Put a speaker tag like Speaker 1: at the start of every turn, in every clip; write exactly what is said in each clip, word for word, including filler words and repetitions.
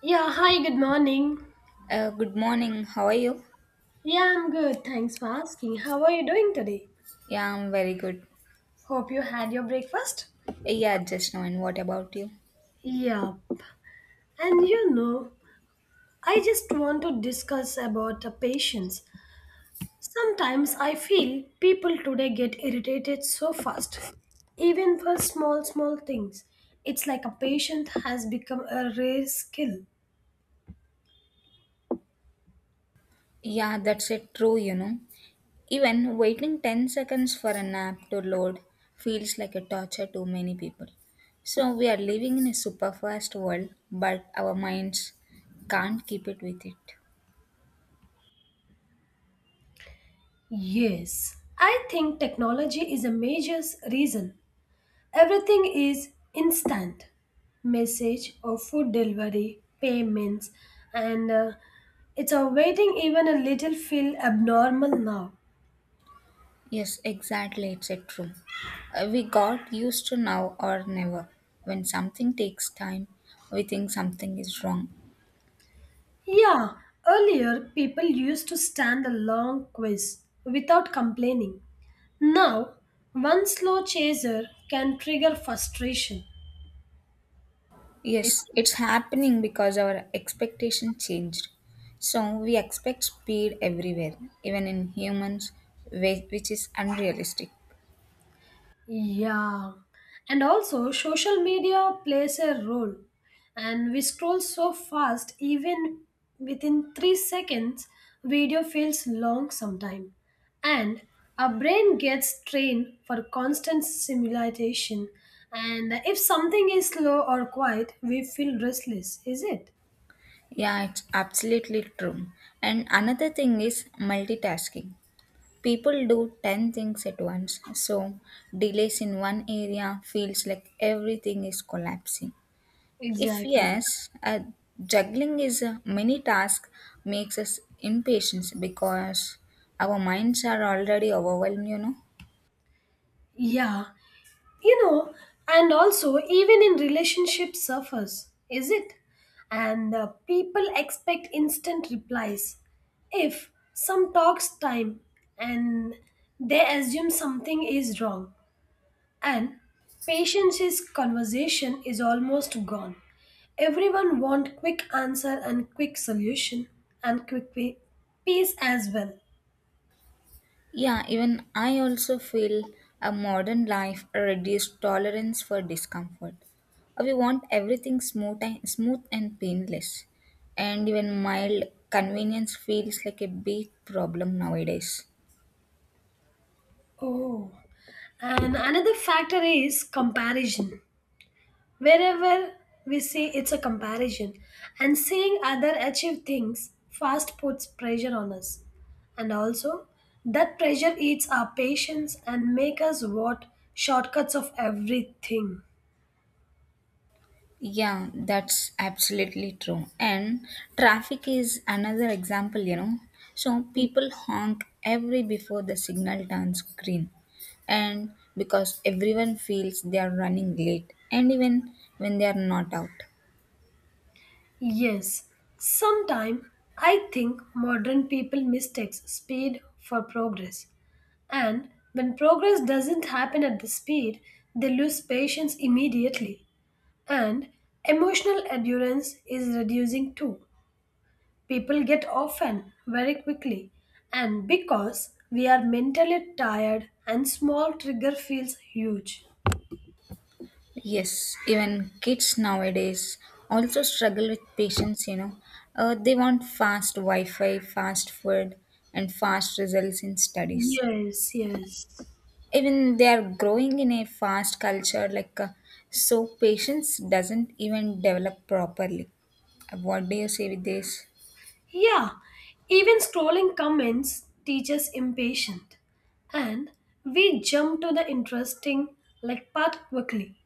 Speaker 1: Yeah, hi, good morning.
Speaker 2: Uh, good morning. How are you?
Speaker 1: Yeah, I'm good. Thanks for asking. How are you doing today?
Speaker 2: Yeah, I'm very good.
Speaker 1: Hope you had your breakfast.
Speaker 2: Yeah, just now. And what about you?
Speaker 1: Yeah. And you know, I just want to discuss about the patience. Sometimes I feel people today get irritated so fast, even for small, small things. It's like a patient has become a rare skill.
Speaker 2: Yeah, that's it. True, you know. Even waiting ten seconds for an app to load feels like a torture to many people. So we are living in a super fast world, but our minds can't keep it with it.
Speaker 1: Yes, I think technology is a major s- reason. Everything is instant message or food delivery, payments, and uh, it's a waiting even a little feel abnormal now.
Speaker 2: Yes, exactly. It's a true. Uh, we got used to now or never. When something takes time, we think something is wrong.
Speaker 1: Yeah, earlier people used to stand a long quiz without complaining. Now, one slow chaser can trigger frustration. Yes.
Speaker 2: Yes, it's happening because our expectation changed. So we expect speed everywhere, even in humans, whi- which is unrealistic.
Speaker 1: Yeah, and also social media plays a role, and we scroll so fast, even within three seconds, video feels long sometime, and our brain gets trained for constant stimulation. And if something is slow or quiet, we feel restless, is it?
Speaker 2: Yeah, it's absolutely true. And another thing is multitasking. People do ten things at once, so delays in one area feels like everything is collapsing. If
Speaker 1: Exactly.
Speaker 2: yes, uh, juggling is a many task makes us impatient because our minds are already overwhelmed, you know.
Speaker 1: Yeah, you know, and also even in relationship suffers, is it, and uh, people expect instant replies, if some talks time, and they assume something is wrong, and patience is conversation is almost gone, everyone want quick answer and quick solution and quick pe- peace as well.
Speaker 2: Yeah, even I also feel a modern life reduced tolerance for discomfort. We want everything smooth and, smooth and painless, and even mild convenience feels like a big problem nowadays.
Speaker 1: Oh, and another factor is comparison. Wherever we see, it's a comparison, and seeing other achieve things fast puts pressure on us. And also, that pressure eats our patience and make us want shortcuts of everything.
Speaker 2: Yeah, that's absolutely true. And traffic is another example, you know. So people honk every before the signal turns green. And because everyone feels they are running late, and even when they are not out.
Speaker 1: Yes, sometime I think modern people mistakes speed for progress. And when progress doesn't happen at the speed, they lose patience immediately. And emotional endurance is reducing too. People get often very quickly, and because we are mentally tired and small trigger feels huge.
Speaker 2: Yes, even kids nowadays also struggle with patience, you know. Uh, they want fast Wi Fi, fast food, and fast results in studies.
Speaker 1: Yes, yes.
Speaker 2: Even they are growing in a fast culture, like, uh, so patience doesn't even develop properly. Uh, what do you say with this?
Speaker 1: Yeah, even scrolling comments teaches impatient, and we jump to the interesting like part quickly.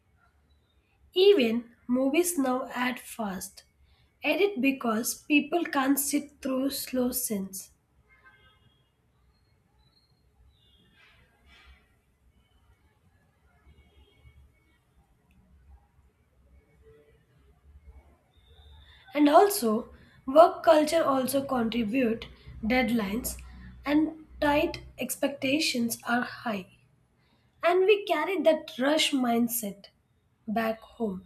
Speaker 1: Even movies now add fast. Edit because people can't sit through slow scenes. And also, work culture also contribute, deadlines and tight expectations are high, and we carry that rush mindset back home,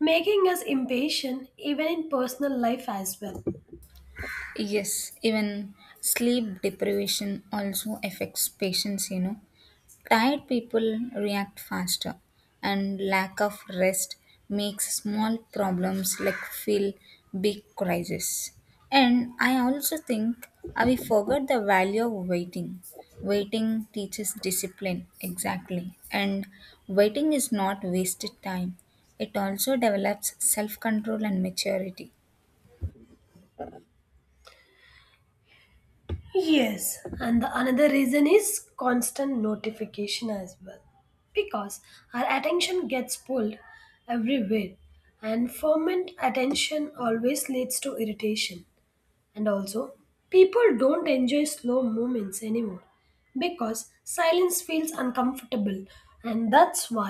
Speaker 1: making us impatient even in personal life as well.
Speaker 2: Yes, even sleep deprivation also affects patients, you know. Tired people react faster, and lack of rest makes small problems like feel big crisis. And I also think uh, we forgot the value of waiting. Waiting teaches discipline, exactly. And waiting is not wasted time, it also develops self control and maturity.
Speaker 1: Yes, and the another reason is constant notification as well, because our attention gets pulled everywhere, and ferment attention always leads to irritation. And also, people don't enjoy slow movements anymore because silence feels uncomfortable, and that's why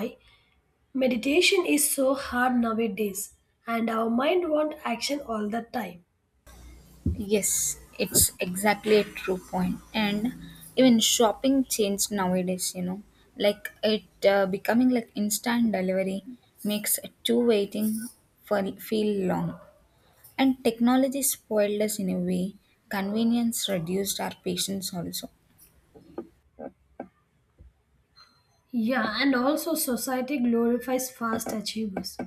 Speaker 1: meditation is so hard nowadays, and our mind wants action all the time.
Speaker 2: Yes, it's exactly a true point. And even shopping changed nowadays, you know, like it uh, becoming like instant delivery makes a two waiting for feel long. And technology spoiled us in a way. Convenience reduced our patience also.
Speaker 1: Yeah, and also society glorifies fast achievers.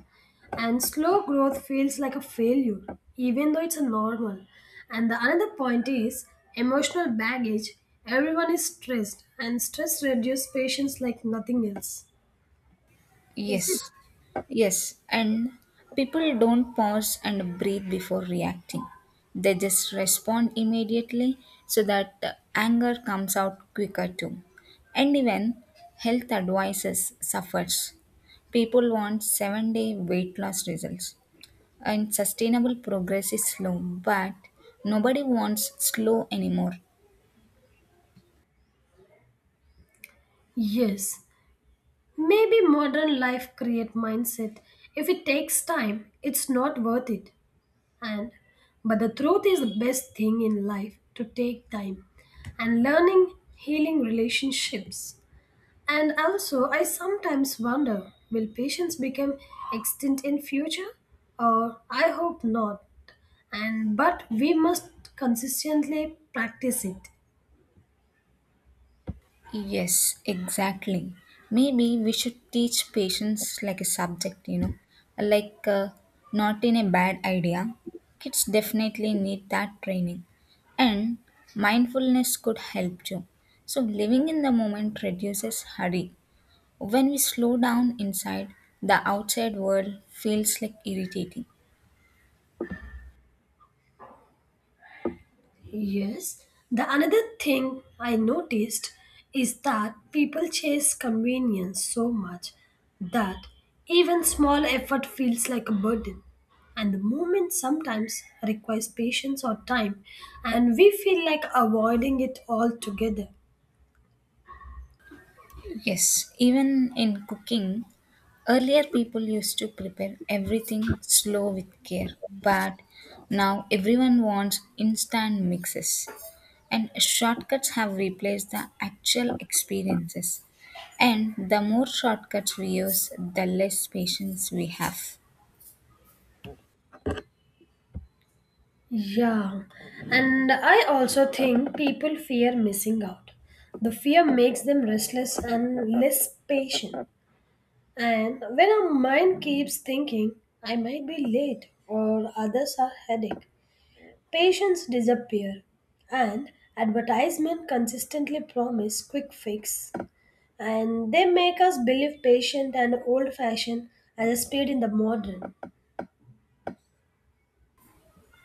Speaker 1: And slow growth feels like a failure, even though it's a normal. And the another point is emotional baggage. Everyone is stressed, and stress reduces patience like nothing else. Is
Speaker 2: Yes,
Speaker 1: it?
Speaker 2: yes, and people don't pause and breathe before reacting. They just respond immediately so that uh, anger comes out quicker too. And even health advices suffers. People want seven day weight loss results. And sustainable progress is slow, but nobody wants slow anymore.
Speaker 1: Yes. Maybe modern life create mindset. If it takes time, it's not worth it. And but the truth is the best thing in life to take time and learning healing relationships. And also I sometimes wonder, will patience become extinct in future? Or I hope not. And but we must consistently practice it.
Speaker 2: Yes, exactly. Maybe we should teach patience like a subject, you know, like, uh, not in a bad idea. Kids definitely need that training, and mindfulness could help too. So, living in the moment reduces hurry. When we slow down inside, the outside world feels like irritating.
Speaker 1: Yes, the another thing I noticed is that people chase convenience so much that even small effort feels like a burden. And the movement sometimes requires patience or time, and we feel like avoiding it altogether.
Speaker 2: Yes, even in cooking, earlier people used to prepare everything slow with care, but now everyone wants instant mixes. And shortcuts have replaced the actual experiences. And the more shortcuts we use, the less patience we have.
Speaker 1: Yeah, and I also think people fear missing out. The fear makes them restless and less patient. And when our mind keeps thinking, I might be late or others are headache, patients disappear. And advertisement consistently promise quick fix. And they make us believe patient and old fashioned as a speed in the modern.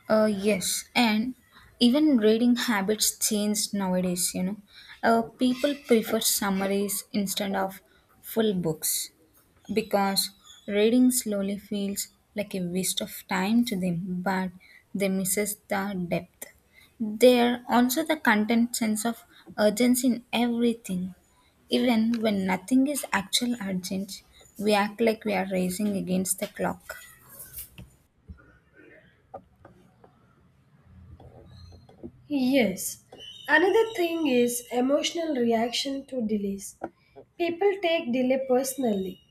Speaker 2: Uh, yes, and even reading habits change nowadays, you know. Uh, people prefer summaries instead of full books because reading slowly feels like a waste of time to them, but they misses the depth. There also the content sense of urgency in everything. Even when nothing is actual urgent, we act like we are racing against the clock.
Speaker 1: Yes. Another thing is emotional reaction to delays. People take delay personally,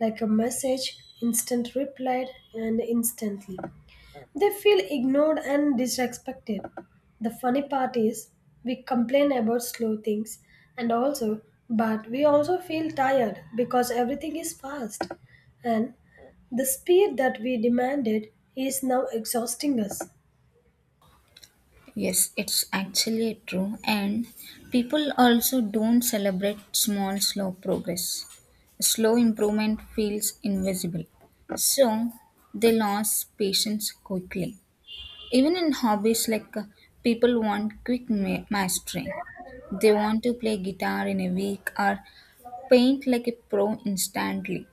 Speaker 1: like a message, instant replied, and instantly. They feel ignored and disrespected. The funny part is, we complain about slow things and also, but we also feel tired because everything is fast. And the speed that we demanded is now exhausting us.
Speaker 2: Yes, it's actually true, and people also don't celebrate small, slow progress. Slow improvement feels invisible, so they lose patience quickly. Even in hobbies, like, uh, people want quick ma- mastery. They want to play guitar in a week or paint like a pro instantly.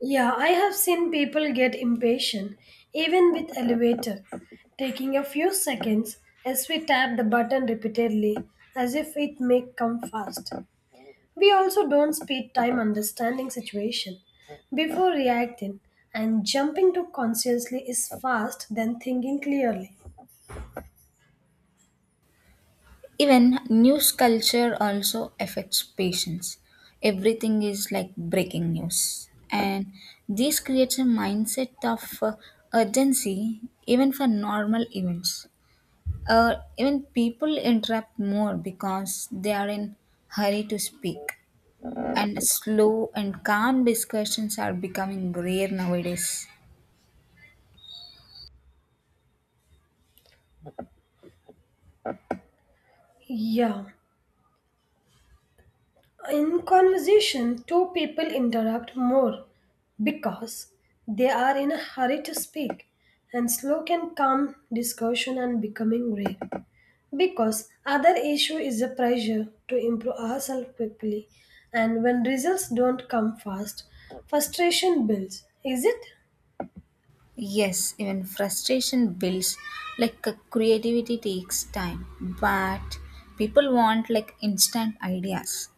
Speaker 1: Yeah, I have seen people get impatient even with elevator, taking a few seconds as we tap the button repeatedly as if it may come fast. We also don't spend time understanding situation before reacting, and jumping to consciously is fast than thinking clearly.
Speaker 2: Even news culture also affects patients. Everything is like breaking news. And this creates a mindset of uh, urgency even for normal events. Uh, even people interrupt more because they are in hurry to speak. And slow and calm discussions are becoming rare nowadays.
Speaker 1: Yeah. In conversation, two people interrupt more because they are in a hurry to speak and slow can calm discussion and becoming rare. Because other issue is a pressure to improve ourselves quickly, and when results don't come fast, frustration builds. Is it?
Speaker 2: Yes, even frustration builds, like, uh, creativity takes time, but people want like instant ideas.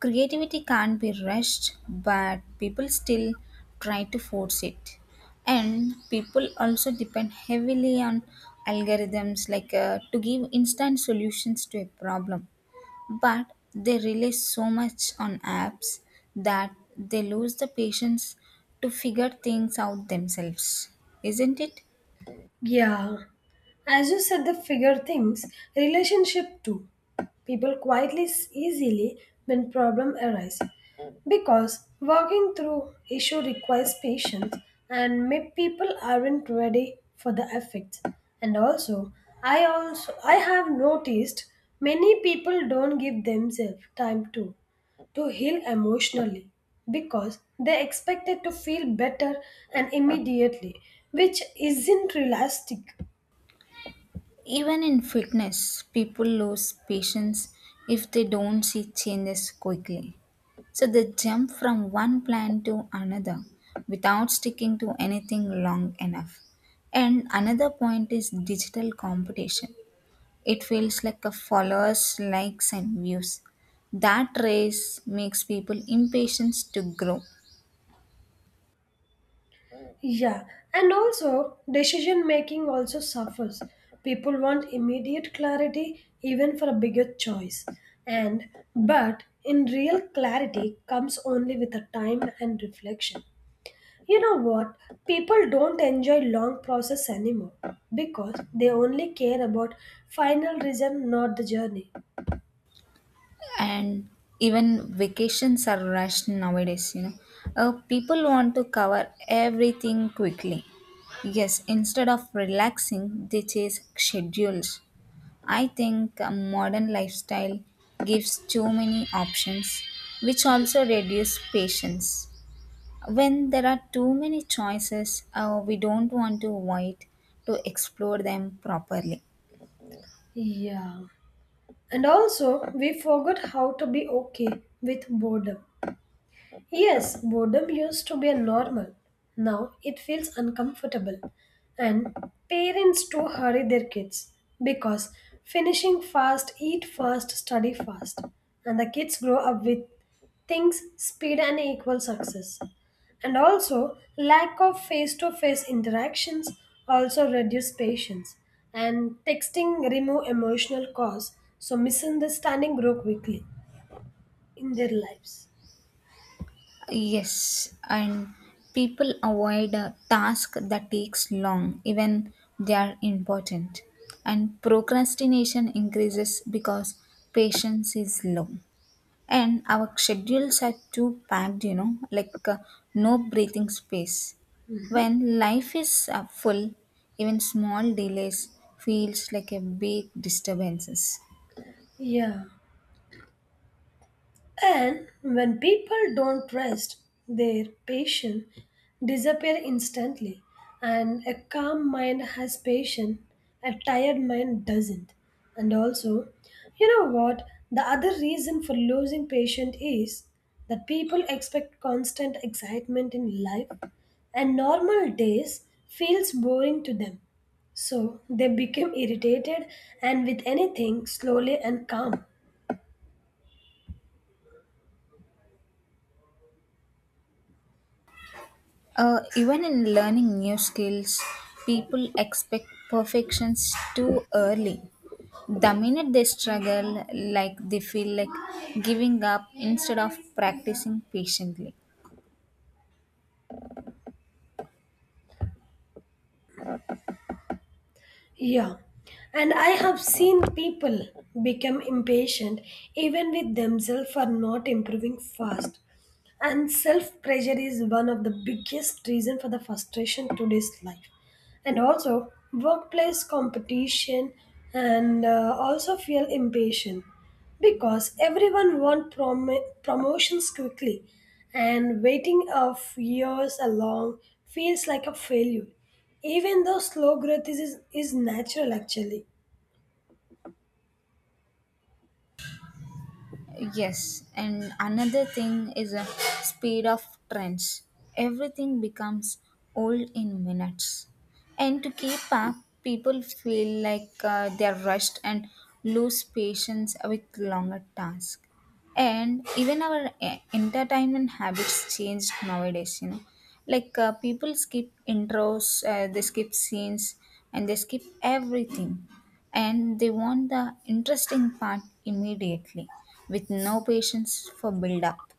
Speaker 2: Creativity can't be rushed, but people still try to force it. And people also depend heavily on algorithms, like, uh, to give instant solutions to a problem, but they rely so much on apps that they lose the patience to figure things out themselves, isn't it?
Speaker 1: Yeah. As you said, the figure things, relationship too. People quietly s- easily when problem arise. Because working through issue requires patience and may people aren't ready for the effects. And also, I also I have noticed many people don't give themselves time to to heal emotionally because they expected to feel better and immediately, which isn't realistic.
Speaker 2: Even in fitness, people lose patience if they don't see changes quickly, so they jump from one plan to another without sticking to anything long enough. And another point is digital competition. It feels like a followers, likes, and views. That race makes people impatient to grow,
Speaker 1: Yeah, and also decision making also suffers. People want immediate clarity even for a bigger choice. And but in real clarity comes only with a time and reflection. You know what? People don't enjoy long process anymore because they only care about final result not the journey.
Speaker 2: and even vacations are rushed nowadays. You know, uh, people want to cover everything quickly. Yes, instead of relaxing, they chase schedules. I think a modern lifestyle gives too many options, which also reduce patience. When there are too many choices, uh, we don't want to wait to explore them properly.
Speaker 1: Yeah. And also we forgot how to be okay with boredom. Yes, boredom used to be a normal. Now it feels uncomfortable. And parents too hurry their kids because finishing fast, eat fast, study fast. And the kids grow up with things, speed, and equal success. And also, lack of face to face interactions also reduce patience. And texting remove emotional cause, so misunderstanding grow quickly in their lives.
Speaker 2: Yes, and people avoid a task that takes long, even they are important. And procrastination increases because patience is low. And our schedules are too packed, you know, like, uh, no breathing space. When life is uh, full, even small delays feels like a big disturbances.
Speaker 1: Yeah. And when people don't rest, their patience disappear instantly. And a calm mind has patience, a tired mind doesn't. And also, you know what? The other reason for losing patience is that people expect constant excitement in life, and normal days feels boring to them. So they become irritated and with anything slowly and calm.
Speaker 2: Uh, even in learning new skills, people expect perfections too early. The minute they struggle, like they feel like giving up instead of practicing patiently.
Speaker 1: Yeah. And I have seen people become impatient even with themselves for not improving fast. And self-pressure is one of the biggest reason for the frustration today's life. And also workplace competition and uh, also feel impatient because everyone want prom- promotions quickly, and waiting of years along feels like a failure, even though slow growth is, is is natural actually.
Speaker 2: Yes, and another thing is a speed of trends. Everything becomes old in minutes. And to keep up, people feel like uh, they're rushed and lose patience with longer tasks. And even our e- entertainment habits changed nowadays, you know like, uh, people skip intros, uh, they skip scenes, and they skip everything, and they want the interesting part immediately with no patience for build up.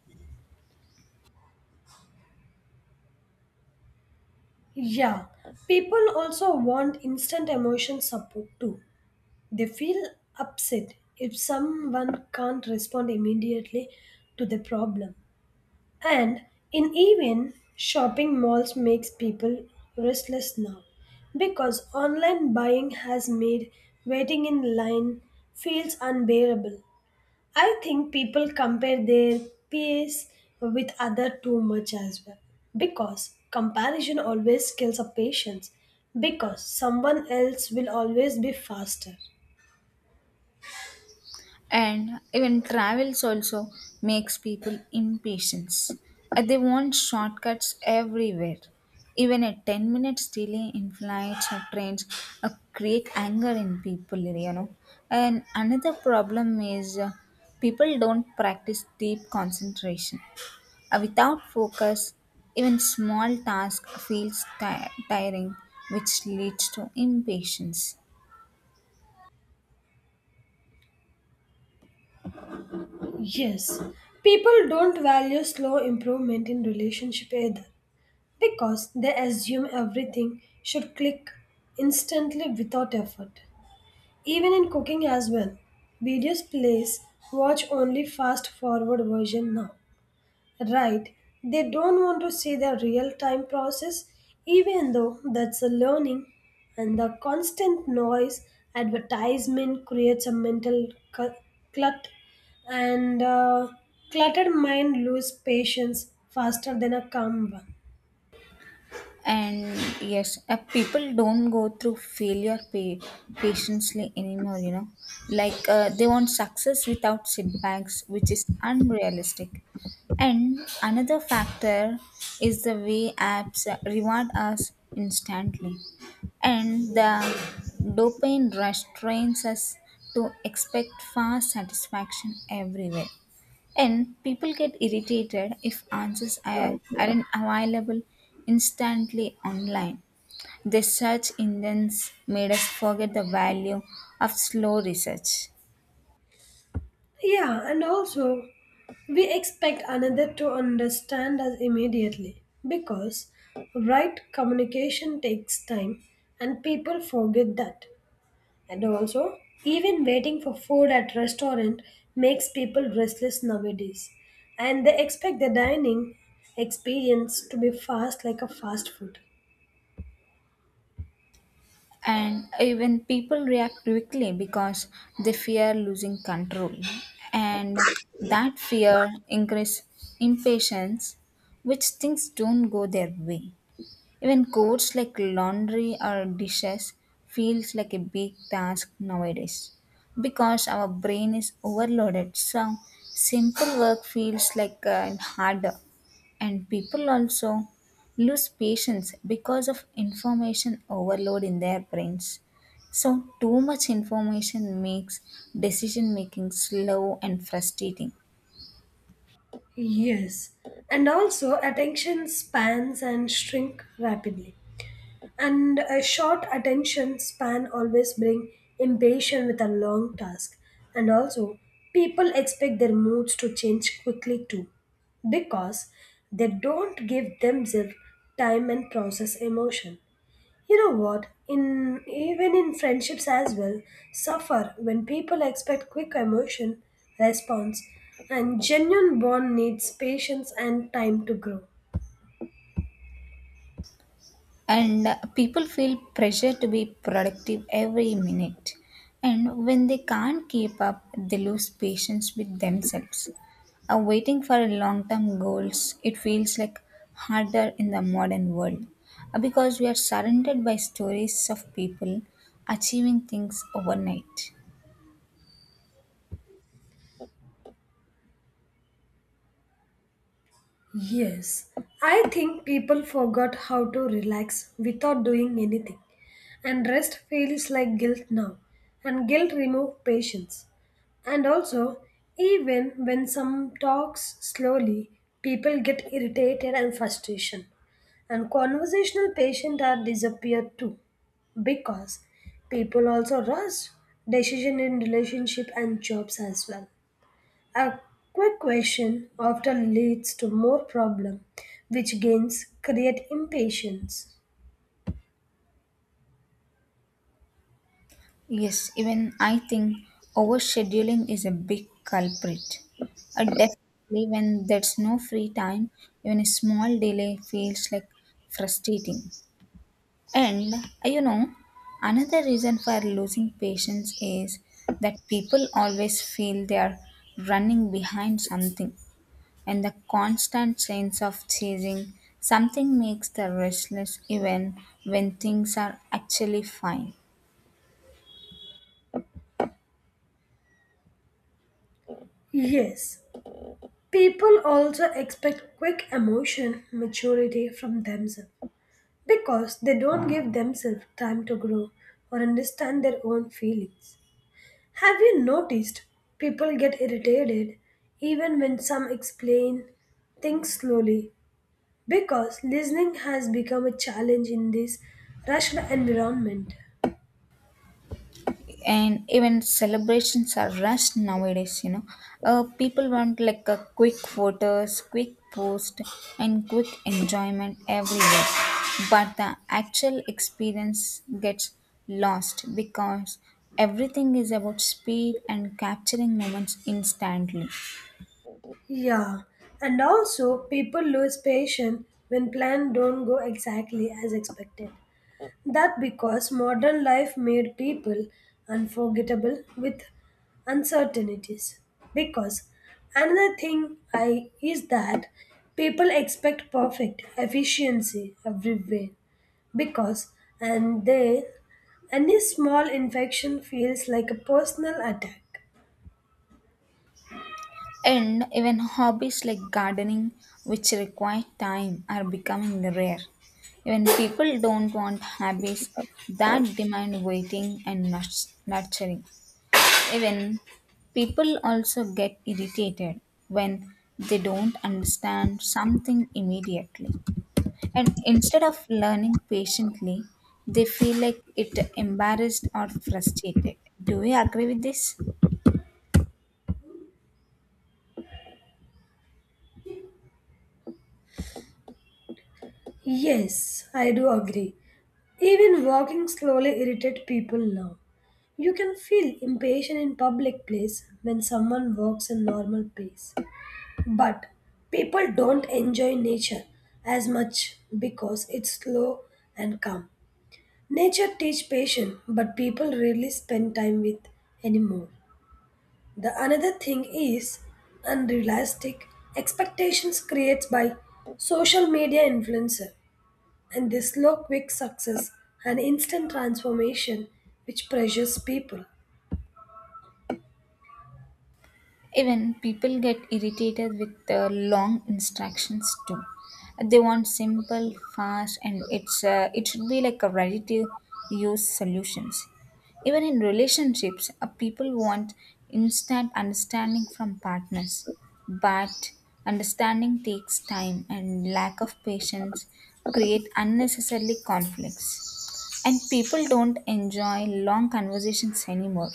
Speaker 1: Yeah, people also want instant emotion support too, they feel upset if someone can't respond immediately to the problem. And in even shopping malls makes people restless now, because online buying has made waiting in line feels unbearable. I think people compare their pace with other too much as well, because comparison always kills a patience because someone else will always be faster.
Speaker 2: And even travels also makes people impatient. Uh, they want shortcuts everywhere. Even a ten minutes delay in flights or trains uh, create anger in people you know And another problem is uh, people don't practice deep concentration. Uh, without focus, even small task feels ti- tiring, which leads to impatience.
Speaker 1: Yes, people don't value slow improvement in relationship either because they assume everything should click instantly without effort. Even in cooking as well, videos plays watch only fast forward version now. Right, they don't want to see the real time process, even though that's a learning, and the constant noise advertisement creates a mental cu- clut, and uh, cluttered mind lose patience faster than a calm one.
Speaker 2: And yes, uh, people don't go through failure pa- patiently anymore, you know like, uh, they want success without setbacks, which is unrealistic. And another factor is the way apps uh, reward us instantly, and the dopamine rush trains us to expect fast satisfaction everywhere, and people get irritated if answers are, aren't available instantly online. The search engines made us forget the value of slow research.
Speaker 1: Yeah, and also we expect another to understand us immediately because right communication takes time and people forget that. And also, even waiting for food at restaurant makes people restless nowadays. And they expect the dining experience to be fast like a fast food.
Speaker 2: And even people react quickly because they fear losing control. And that fear increases impatience, which things don't go their way. Even chores like laundry or dishes feels like a big task nowadays because our brain is overloaded. So simple work feels like uh, harder. And people also lose patience because of information overload in their brains. So too much information makes decision making slow and frustrating.
Speaker 1: Yes. And also attention spans and shrink rapidly. And a short attention span always bring impatience with a long task. And also, people expect their moods to change quickly too, because they don't give themselves time and process emotion. You know what? In even in friendships as well, suffer when people expect quick emotion response, and genuine bond needs patience and time to grow.
Speaker 2: And people feel pressure to be productive every minute, and when they can't keep up, they lose patience with themselves. Uh, waiting for long term goals, it feels like harder in the modern world, uh, because we are surrounded by stories of people achieving things overnight.
Speaker 1: Yes, I think people forgot how to relax without doing anything, and rest feels like guilt now, and guilt removes patience. And also, even when some talks slowly, people get irritated and frustration, and conversational patience are disappeared too, because people also rush decision in relationship and jobs as well. A quick question often leads to more problem, which gains create impatience.
Speaker 2: Yes, even I think overscheduling is a big culprit. Uh, definitely, when there's no free time, even a small delay feels like frustrating. And uh, you know, another reason for losing patience is that people always feel they are running behind something, and the constant sense of chasing something makes the restless even when things are actually fine.
Speaker 1: Yes, people also expect quick emotion maturity from themselves because they don't give themselves time to grow or understand their own feelings. Have you noticed people get irritated even when some explain things slowly because listening has become a challenge in this rushed environment?
Speaker 2: And even celebrations are rushed nowadays, you know uh, people want like a quick photos, quick post, and quick enjoyment everywhere, but the actual experience gets lost because everything is about speed and capturing moments instantly.
Speaker 1: Yeah, and also people lose patience when plans don't go exactly as expected. That because modern life made people unforgettable with uncertainties. Because another thing I is that people expect perfect efficiency everywhere. Because and they any small infection feels like a personal attack.
Speaker 2: And even hobbies like gardening, which require time, are becoming rare. Even people don't want hobbies that demand waiting and nurs- nurturing. Even people also get irritated when they don't understand something immediately. And instead of learning patiently, they feel like it embarrassed or frustrated. Do you agree with this?
Speaker 1: Yes, I do agree. Even walking slowly irritates people now. You can feel impatient in public place when someone walks in normal pace. But people don't enjoy nature as much because it's slow and calm. Nature teach patience, but people rarely spend time with anymore. The another thing is unrealistic expectations creates by social media influencer, and they slow quick success and instant transformation which pressures people.
Speaker 2: Even people get irritated with the long instructions too. They want simple, fast, and it's uh, it should be like a ready to use solutions. Even in relationships, uh, people want instant understanding from partners, but understanding takes time, and lack of patience create unnecessarily conflicts. And people don't enjoy long conversations anymore.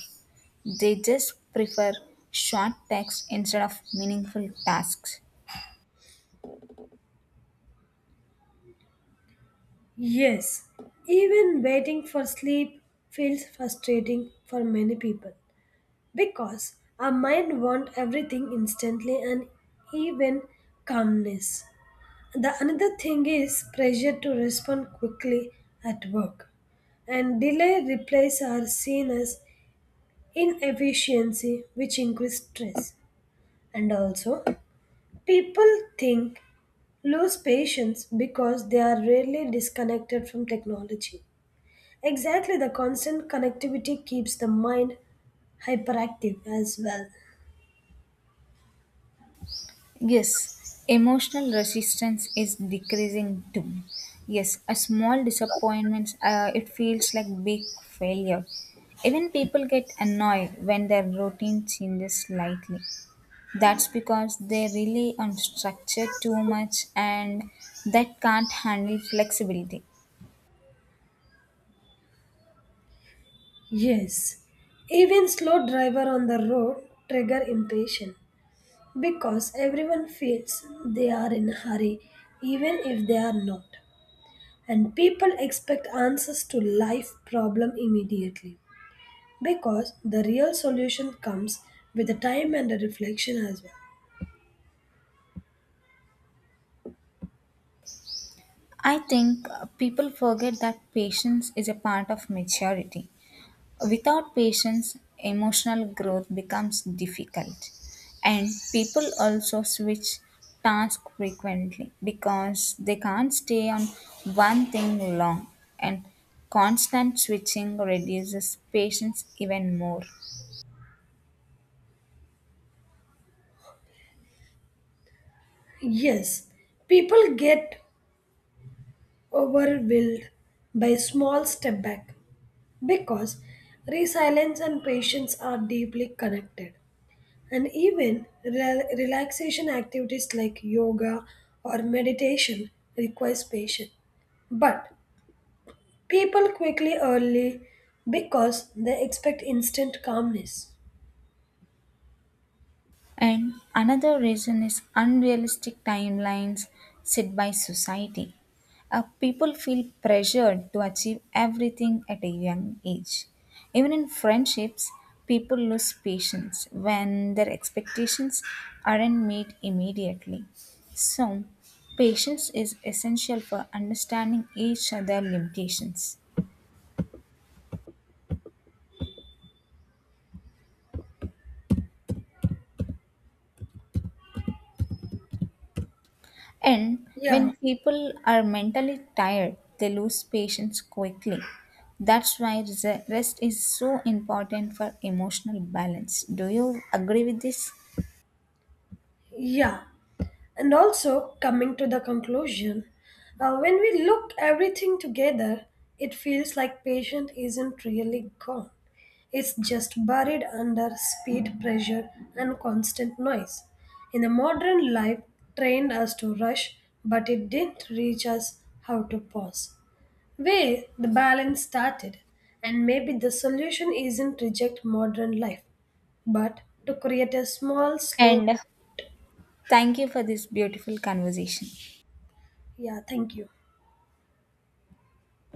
Speaker 2: They just prefer short texts instead of meaningful tasks.
Speaker 1: Yes, even waiting for sleep feels frustrating for many people because our mind wants everything instantly and even calmness. The another thing is pressure to respond quickly at work, and delay replies are seen as inefficiency which increase stress, and also people think lose patience because they are rarely disconnected from technology. Exactly, the constant connectivity keeps the mind hyperactive as well.
Speaker 2: Yes, emotional resistance is decreasing too. Yes, a small disappointment, uh, it feels like big failure. Even people get annoyed when their routine changes slightly. That's because they rely on structure too much and that can't handle flexibility.
Speaker 1: Yes, even slow driver on the road trigger impatience because everyone feels they are in a hurry even if they are not. And people expect answers to life problem immediately because the real solution comes with the time and the reflection as well.
Speaker 2: I think uh, people forget that patience is a part of maturity. Without patience, emotional growth becomes difficult. And people also switch tasks frequently because they can't stay on one thing long. And constant switching reduces patience even more.
Speaker 1: Yes, people get overwhelmed by small step back because resilience and patience are deeply connected. And even re- relaxation activities like yoga or meditation requires patience. But people quickly early because they expect instant calmness.
Speaker 2: And another reason is unrealistic timelines set by society. Uh, people feel pressured to achieve everything at a young age. Even in friendships, people lose patience when their expectations aren't met immediately. So, patience is essential for understanding each other's limitations. And
Speaker 1: Yeah,
Speaker 2: when people are mentally tired, they lose patience quickly. That's why res- rest is so important for emotional balance. Do you agree with this?
Speaker 1: yeah. And also coming to the conclusion, uh, when we look everything together, it feels like patient isn't really gone. It's just buried under speed, pressure, and constant noise. In the modern life, trained us to rush, but it didn't reach us how to pause. Where the balance started, and maybe the solution isn't reject modern life, but to create a small, slow.
Speaker 2: And thank you for this beautiful conversation.
Speaker 1: Yeah, thank you.